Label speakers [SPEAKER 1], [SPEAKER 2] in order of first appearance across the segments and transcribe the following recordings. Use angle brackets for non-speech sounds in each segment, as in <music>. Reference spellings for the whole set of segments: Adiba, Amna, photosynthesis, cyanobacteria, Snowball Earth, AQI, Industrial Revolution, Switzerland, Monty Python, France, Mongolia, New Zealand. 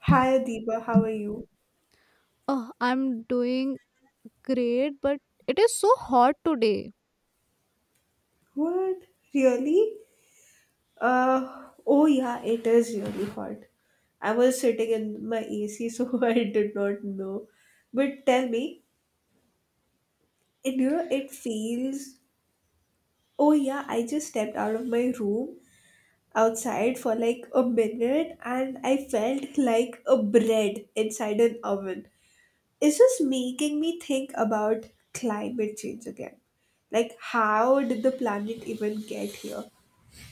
[SPEAKER 1] Hi Adiba, how are you?
[SPEAKER 2] Oh, I'm doing great, but it is so hot today.
[SPEAKER 1] What? Really? Oh yeah, it is really hot. I was sitting in my AC so <laughs> I did not know. But tell me, it you know it feels oh yeah, I just stepped out of my room outside for like a minute and I felt like a bread inside an oven. It's just making me think about climate change again. Like, how did the planet even get here?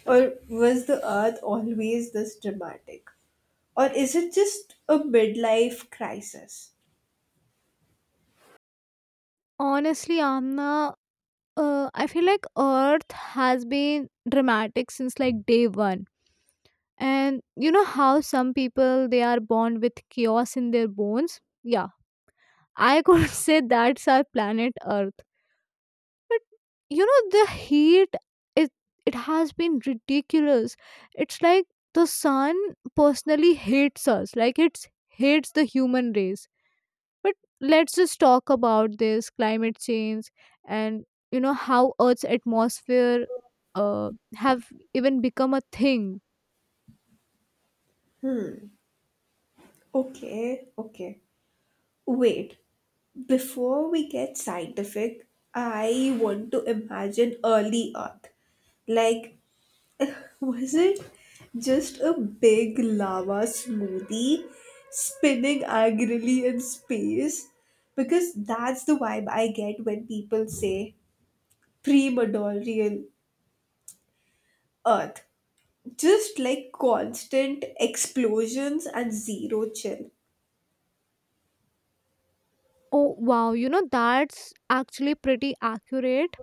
[SPEAKER 1] Or was the Earth always this dramatic? Or is it just a midlife crisis?
[SPEAKER 2] Honestly, Amna, I feel like Earth has been dramatic since like day one. And you know how some people they are born with chaos in their bones? Yeah, I could <laughs> say that's our planet Earth. But you know the heat it it has been ridiculous. It's like the sun personally hates us. Like it hates the human race. But let's just talk about this climate change, and you know how Earth's atmosphere uh, have even become a thing.
[SPEAKER 1] Okay, okay. Wait, before we get scientific, I want to imagine early Earth. Like, <laughs> was it just a big lava smoothie spinning angrily in space? Because that's the vibe I get when people say pre-modorial Earth. Just like constant explosions and zero chill.
[SPEAKER 2] Oh wow, you know that's actually pretty accurate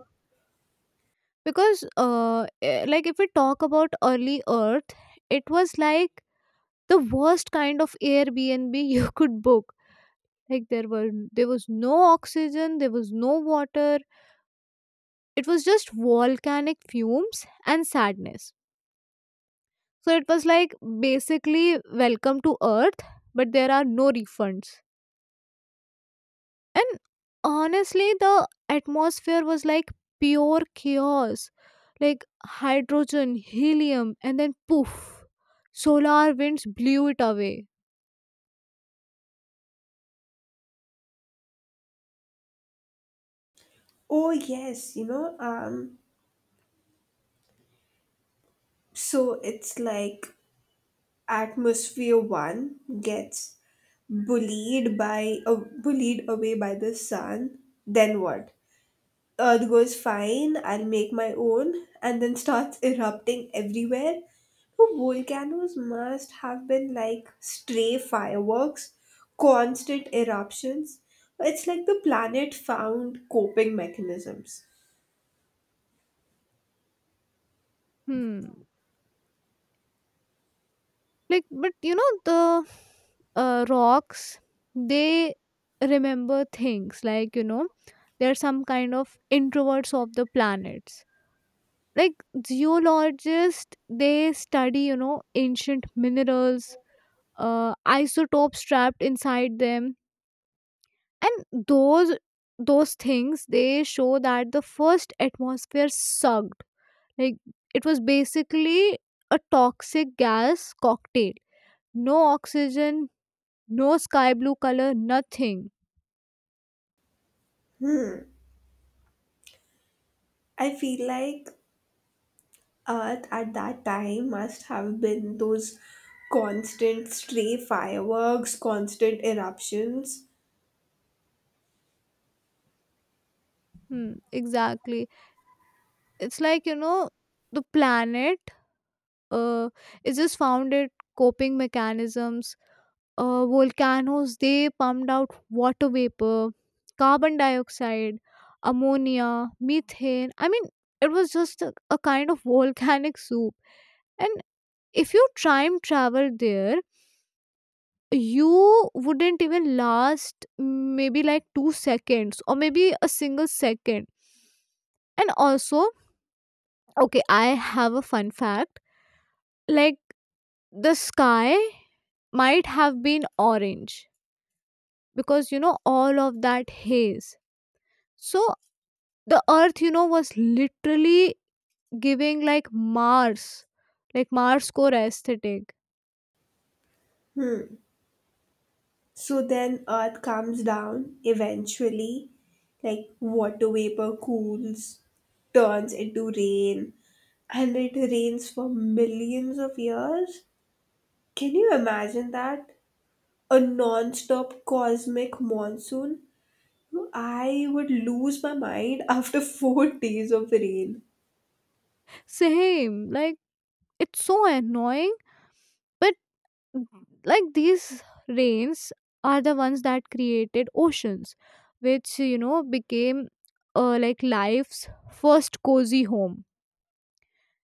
[SPEAKER 2] because like if we talk about early Earth, it was like the worst kind of Airbnb you <laughs> could book. Like there was no oxygen, there was no water. It was just volcanic fumes and sadness. So it was like basically welcome to Earth, but there are no refunds. And honestly, the atmosphere was like pure chaos, like hydrogen, helium, and then poof, solar winds blew it away.
[SPEAKER 1] Oh yes, so it's like atmosphere one gets bullied by bullied away by the sun, then what? Earth goes fine, I'll make my own, and then starts <laughs> erupting everywhere. So volcanoes must have been like stray fireworks, constant eruptions. It's like the planet found coping mechanisms.
[SPEAKER 2] Hmm. Like, but you know, the rocks, they remember things, like, you know, they're some kind of introverts of the planets, like geologists, they study you know ancient minerals, isotopes trapped inside them, and those things they show that the first atmosphere sucked. Like it was basically a toxic gas cocktail, no oxygen, no sky blue color, nothing.
[SPEAKER 1] I feel like Earth at that time must have been those constant stray fireworks, constant eruptions.
[SPEAKER 2] Hmm, exactly. It's like, you know, the planet uh, is just found it coping mechanisms. Uh, volcanoes, they pumped out water vapor, carbon dioxide, ammonia, methane. I mean, it was just a kind of <laughs> volcanic soup. And if you time travel there, you wouldn't even last maybe like 2 seconds, or maybe a single second. And also, okay, I have a fun fact. Like the sky might have been orange because you know all of that haze. So the earth, you know, was literally giving like Mars core aesthetic.
[SPEAKER 1] So then Earth comes down eventually, like water vapor cools, turns into rain, and it rains for millions of years. Can you imagine that? A non stop cosmic monsoon? I would lose my mind after <laughs> 4 days of rain.
[SPEAKER 2] Same, like it's so annoying, but like these rains are the ones that created oceans, which you know became, like, life's first cozy home.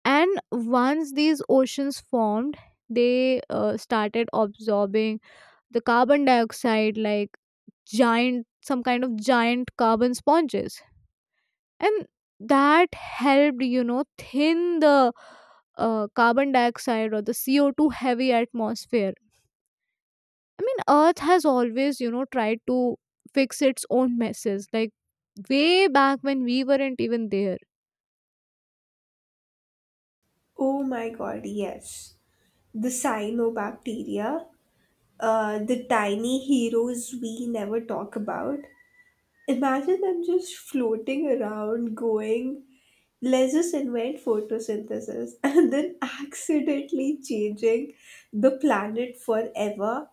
[SPEAKER 2] And once these oceans formed, they started absorbing the carbon dioxide like giant, some kind of giant carbon sponges. And that helped you know thin the carbon dioxide, or the CO2 heavy atmosphere. I mean, earth has always you know tried to fix its own messes, like way back when we weren't even there.
[SPEAKER 1] Oh my god, yes. The cyanobacteria, the tiny heroes we never talk about, imagine them just floating around, going, let's just invent photosynthesis, <laughs> and then accidentally changing the planet forever.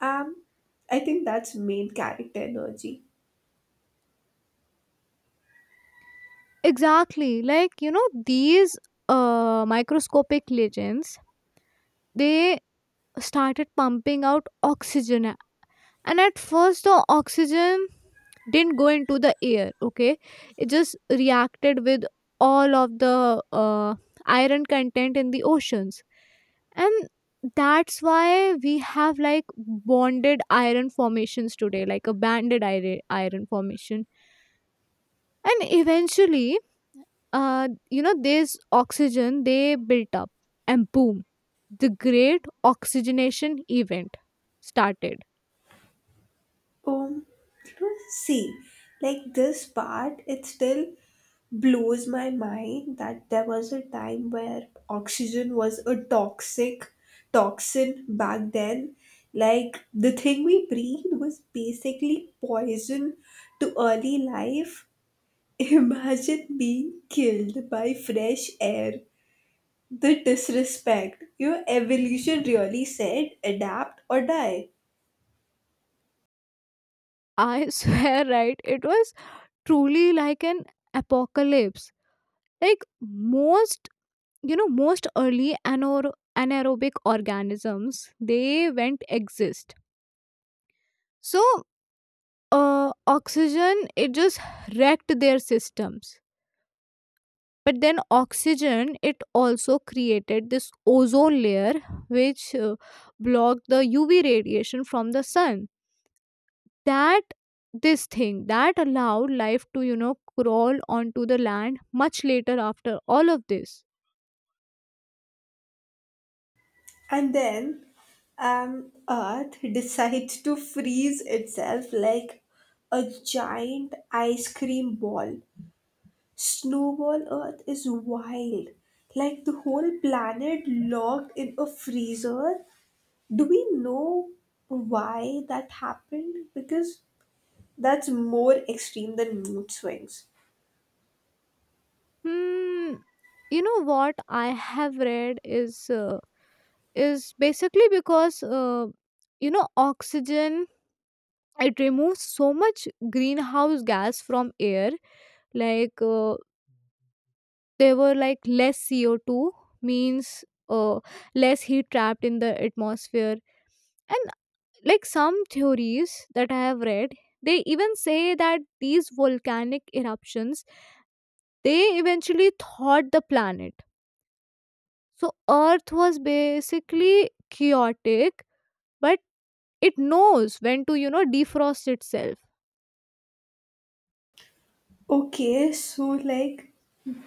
[SPEAKER 1] Um, I think that's main character energy.
[SPEAKER 2] Exactly, like you know these microscopic legends, they started pumping out oxygen. And at first the oxygen didn't go into the air, okay, it just reacted with all of the iron content in the oceans. And that's why we have like bonded iron formations today, like a banded iron formation. And eventually, you know, this oxygen, they built up, and boom, the great oxygenation event started.
[SPEAKER 1] Um, you know, See, like this part, it still blows my mind that there was a time where oxygen was a toxic toxin back then. Like the thing we breathed was basically poison to early life. <laughs> Imagine being killed by fresh air. The disrespect. Your evolution really said adapt or die.
[SPEAKER 2] I <laughs> swear, right? It was truly like an apocalypse. Like most, you know, most early anaerobic organisms, they went exist. So, oxygen, it just wrecked their systems. But then, oxygen, it also created this ozone layer, which blocked the UV radiation from the sun. That this thing that allowed life to you know crawl onto the land much later after all of this.
[SPEAKER 1] And then Earth decides to freeze itself like a giant ice cream ball. Snowball Earth is wild, like the whole planet locked in a freezer. Do we know why that happened? Because that's more extreme than mood swings.
[SPEAKER 2] Hmm, you know what I have read is, is basically because, you know, oxygen, it removes so much greenhouse gas from air. Like, there were like less CO2, means, uh, less heat trapped in the atmosphere. And like some theories that I have read, they even say that these volcanic eruptions, they eventually thawed the planet. So earth was basically chaotic, but it knows when to you know defrost itself.
[SPEAKER 1] Okay, like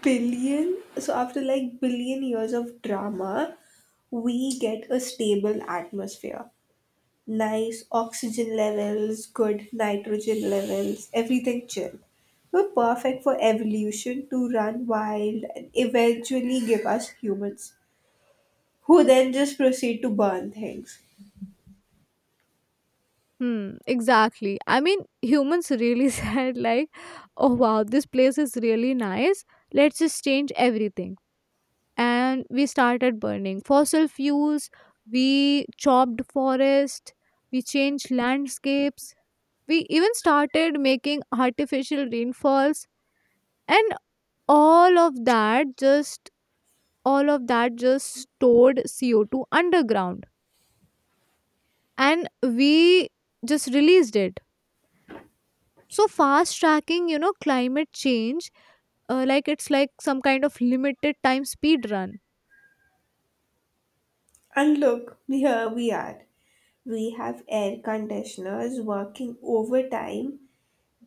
[SPEAKER 1] so after like billion years of drama, we get a stable atmosphere. Nice oxygen levels, good nitrogen levels, everything chill. We're perfect for evolution to run wild and eventually give us humans, who then just proceed to burn things.
[SPEAKER 2] Hmm, exactly. I mean, humans really <laughs> said like, oh wow, this place is really nice, let's just change everything. And we started burning fossil fuels, we chopped forest, we changed landscapes, we even started making artificial rainfalls. And all of that just all of that just stored CO2 underground, and we just released it, so fast tracking you know climate change. Uh, like it's like some kind of limited time speed run.
[SPEAKER 1] And look, here we are. We have air conditioners working overtime,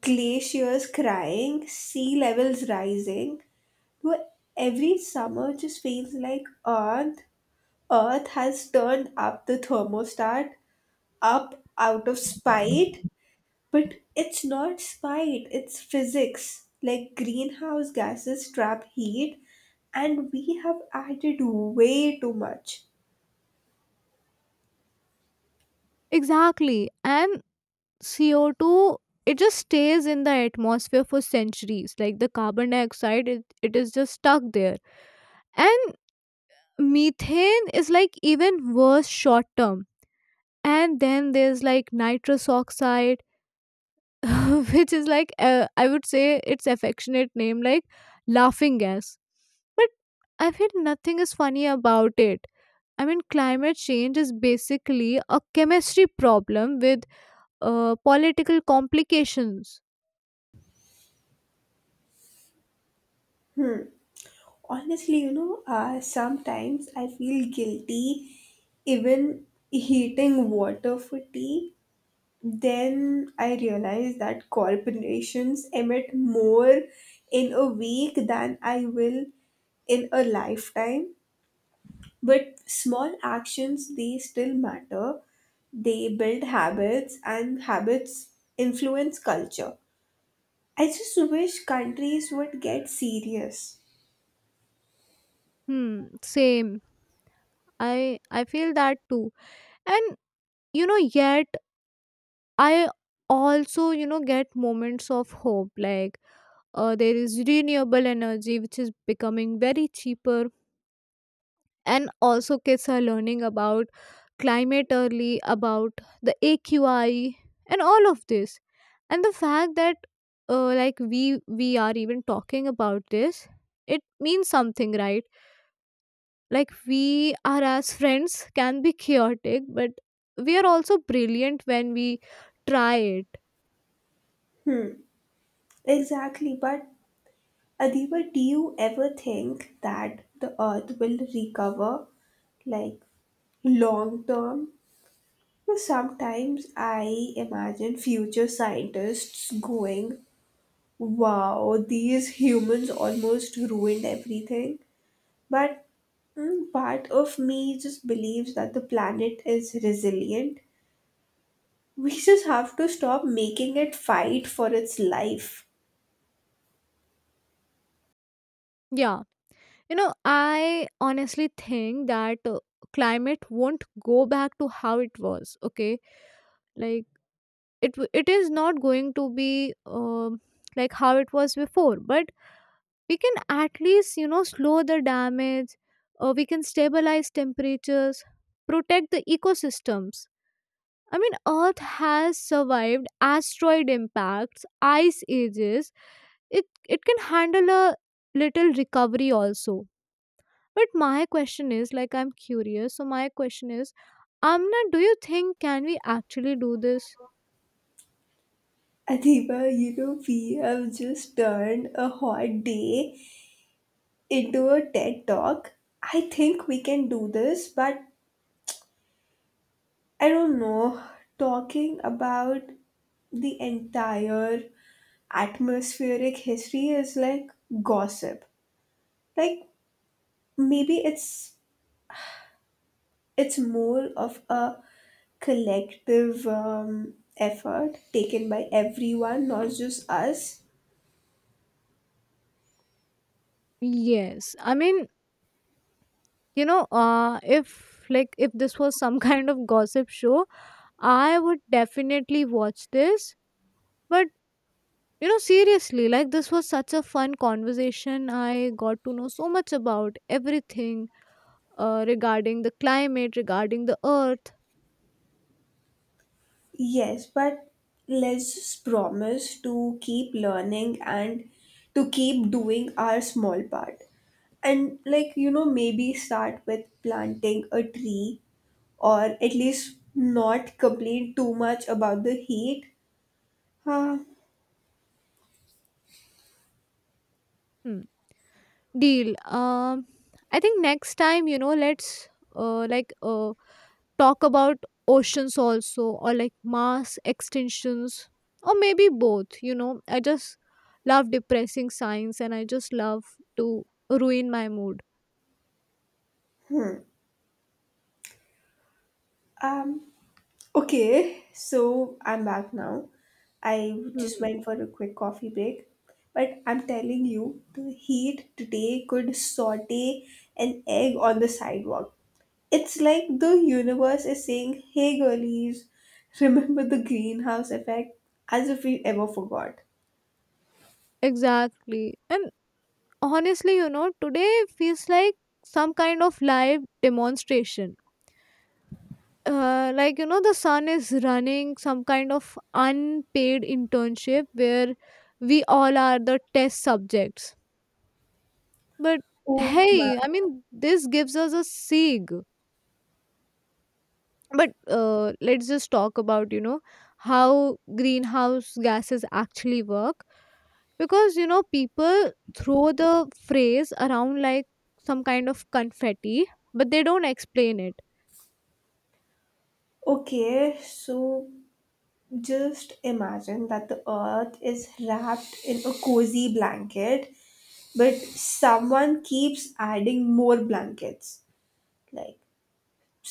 [SPEAKER 1] glaciers crying, sea levels rising. Where every summer just feels like Earth has turned up the thermostat, up out of spite. But it's not spite, it's physics. Like greenhouse gases trap heat, and we have added way too much.
[SPEAKER 2] Exactly, and CO2, it just stays in the atmosphere for centuries. Like the carbon dioxide, it is just stuck there. And methane is like even worse short term. And then there's like nitrous oxide, <laughs> which is like, I would say its affectionate name, like laughing gas. But I feel nothing is funny about it. I mean, climate change is basically a chemistry problem with political complications.
[SPEAKER 1] Honestly, sometimes I feel guilty even heating water for tea. Then I realized that corporations emit more in a week than I will in a lifetime. But small actions, they still matter. They build habits, and habits influence culture. I just wish countries would get serious.
[SPEAKER 2] Hmm, same. I feel that too. And you know, yet I also, you know, get moments of hope. Like, there is renewable energy which is becoming very cheaper, and also kids are learning about climate early, about the AQI and all of this. And the fact that, like we are even talking about this, it means something, right? Like we are as friends can be chaotic, but we are also brilliant when we try it.
[SPEAKER 1] Exactly, but Adiba, do you ever think that the earth will recover, like, long term? Sometimes I imagine future scientists going, wow, these humans almost ruined everything. But part of me just believes that the planet is resilient. We just have to stop making it fight for its life.
[SPEAKER 2] Yeah, you know, I honestly think that, climate won't go back to how it was, okay. Like it is not going to be like how it was before, but we can at least you know slow the damage. Uh, we can stabilize temperatures, protect the ecosystems. I mean, Earth has survived asteroid impacts, ice ages. It can handle a little recovery also. But my question is, like, I'm curious. So my question is, Amna, do you think can we actually do this?
[SPEAKER 1] Adiba, we have just turned a hot day into a TED talk. I think we can do this, but I don't know, talking about the entire atmospheric history is like gossip. Like maybe it's more of a collective effort taken by everyone, not just us.
[SPEAKER 2] Yes, I mean, you know, if like if this was some <laughs> kind of gossip show, I would definitely watch this. But you know, seriously, like this was such a fun conversation. I got to know so much about everything, regarding the climate, regarding the earth.
[SPEAKER 1] Yes, but let's just promise to keep learning and to keep doing our small part, and like maybe start with planting a tree or at least not complain too much about the heat. Uh,
[SPEAKER 2] Hmm. Deal. I think next time, you know, let's, talk about oceans also, or like mass extinctions, or maybe both. You know, I just love depressing science, and I just love to ruin my mood.
[SPEAKER 1] um, okay, so I'm back now. I just
[SPEAKER 2] Hmm.
[SPEAKER 1] went for a quick coffee break. But I'm telling you, the heat today could saute an egg on the sidewalk. It's like the universe is saying, hey girlies, remember the greenhouse effect? As if we ever forgot.
[SPEAKER 2] Exactly. And honestly, you know, today feels like some kind of live demonstration. Like, you know, the son is running some kind of unpaid internship where we all are the test subjects. But
[SPEAKER 1] Oh man.
[SPEAKER 2] hey, I mean, this gives us a SIG. But let's just talk about you know how greenhouse gases actually work, because you know people throw the phrase around like some kind of confetti, but they don't explain it.
[SPEAKER 1] Okay, so just imagine that the earth is wrapped in a cozy blanket, but someone keeps adding more blankets like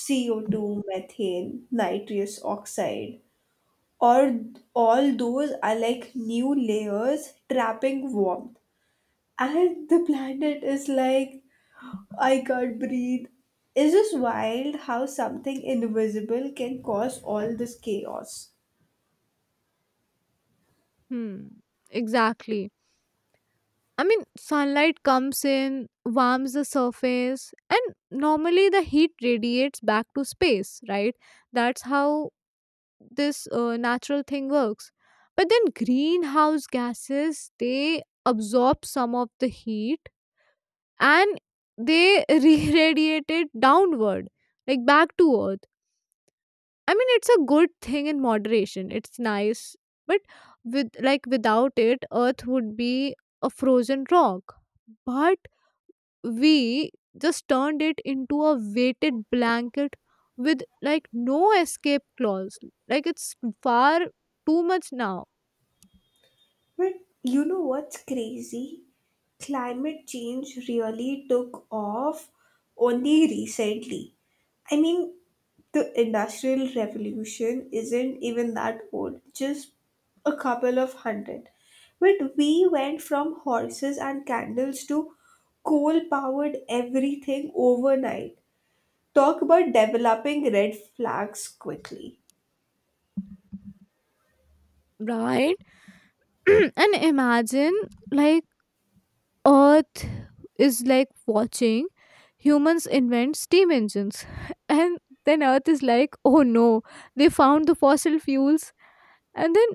[SPEAKER 1] CO2, methane, nitrous oxide, or all those are like new layers trapping warmth. And the planet is like, I can't breathe. It's just wild how something invisible can cause all this chaos.
[SPEAKER 2] Hmm, exactly. I mean, sunlight comes in, warms the surface, and normally the heat radiates back to space, right? That's how this, natural thing works. But then greenhouse gases, they absorb some of the heat, and they <laughs> re-radiate it downward, like back to earth. I mean, it's a good thing in moderation, it's nice. But with like without it, earth would be a frozen rock. But we just turned it into a weighted blanket with like no escape clause. Like it's far too much now.
[SPEAKER 1] But you know what's crazy? Climate change really took off only recently. I mean, the Industrial Revolution isn't even that old, just a couple of hundred. But we went from horses and candles to coal powered everything overnight. Talk about developing red flags quickly.
[SPEAKER 2] Right. <clears throat> And imagine like earth is like watching humans invent steam engines <laughs> and then earth is like, oh no, they found the fossil fuels. And then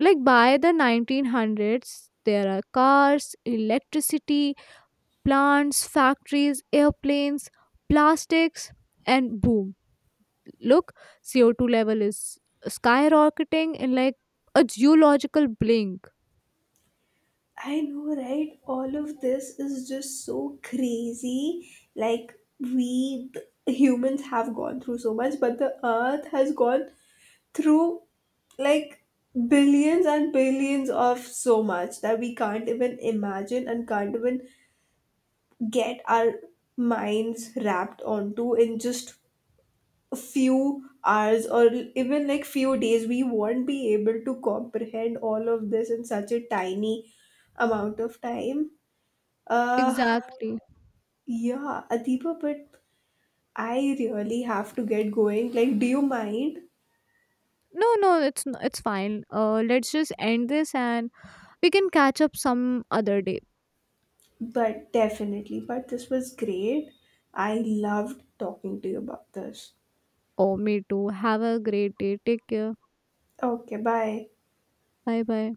[SPEAKER 2] like by the 1900s, there are cars, electricity plants, factories, airplanes, plastics, and boom, look, CO2 level is skyrocketing in like a geological blink.
[SPEAKER 1] I know, right? All of this is just so crazy. Like, we the humans have gone through so much, but the earth has gone through like billions and billions of so much that we can't even imagine and can't even get our minds wrapped onto in just a few hours or even like few days. We won't be able to comprehend all of this in such a tiny amount of time. uh,
[SPEAKER 2] Exactly.
[SPEAKER 1] yeah, Adipa, but I really have to get going. Like, do you mind?
[SPEAKER 2] No, no, it's it's fine. Let's just end this, and we can catch up some other day.
[SPEAKER 1] But definitely. But this was great. I loved talking to you about this.
[SPEAKER 2] Oh, me too. Have a great day. Take care.
[SPEAKER 1] Okay, bye.
[SPEAKER 2] Bye bye.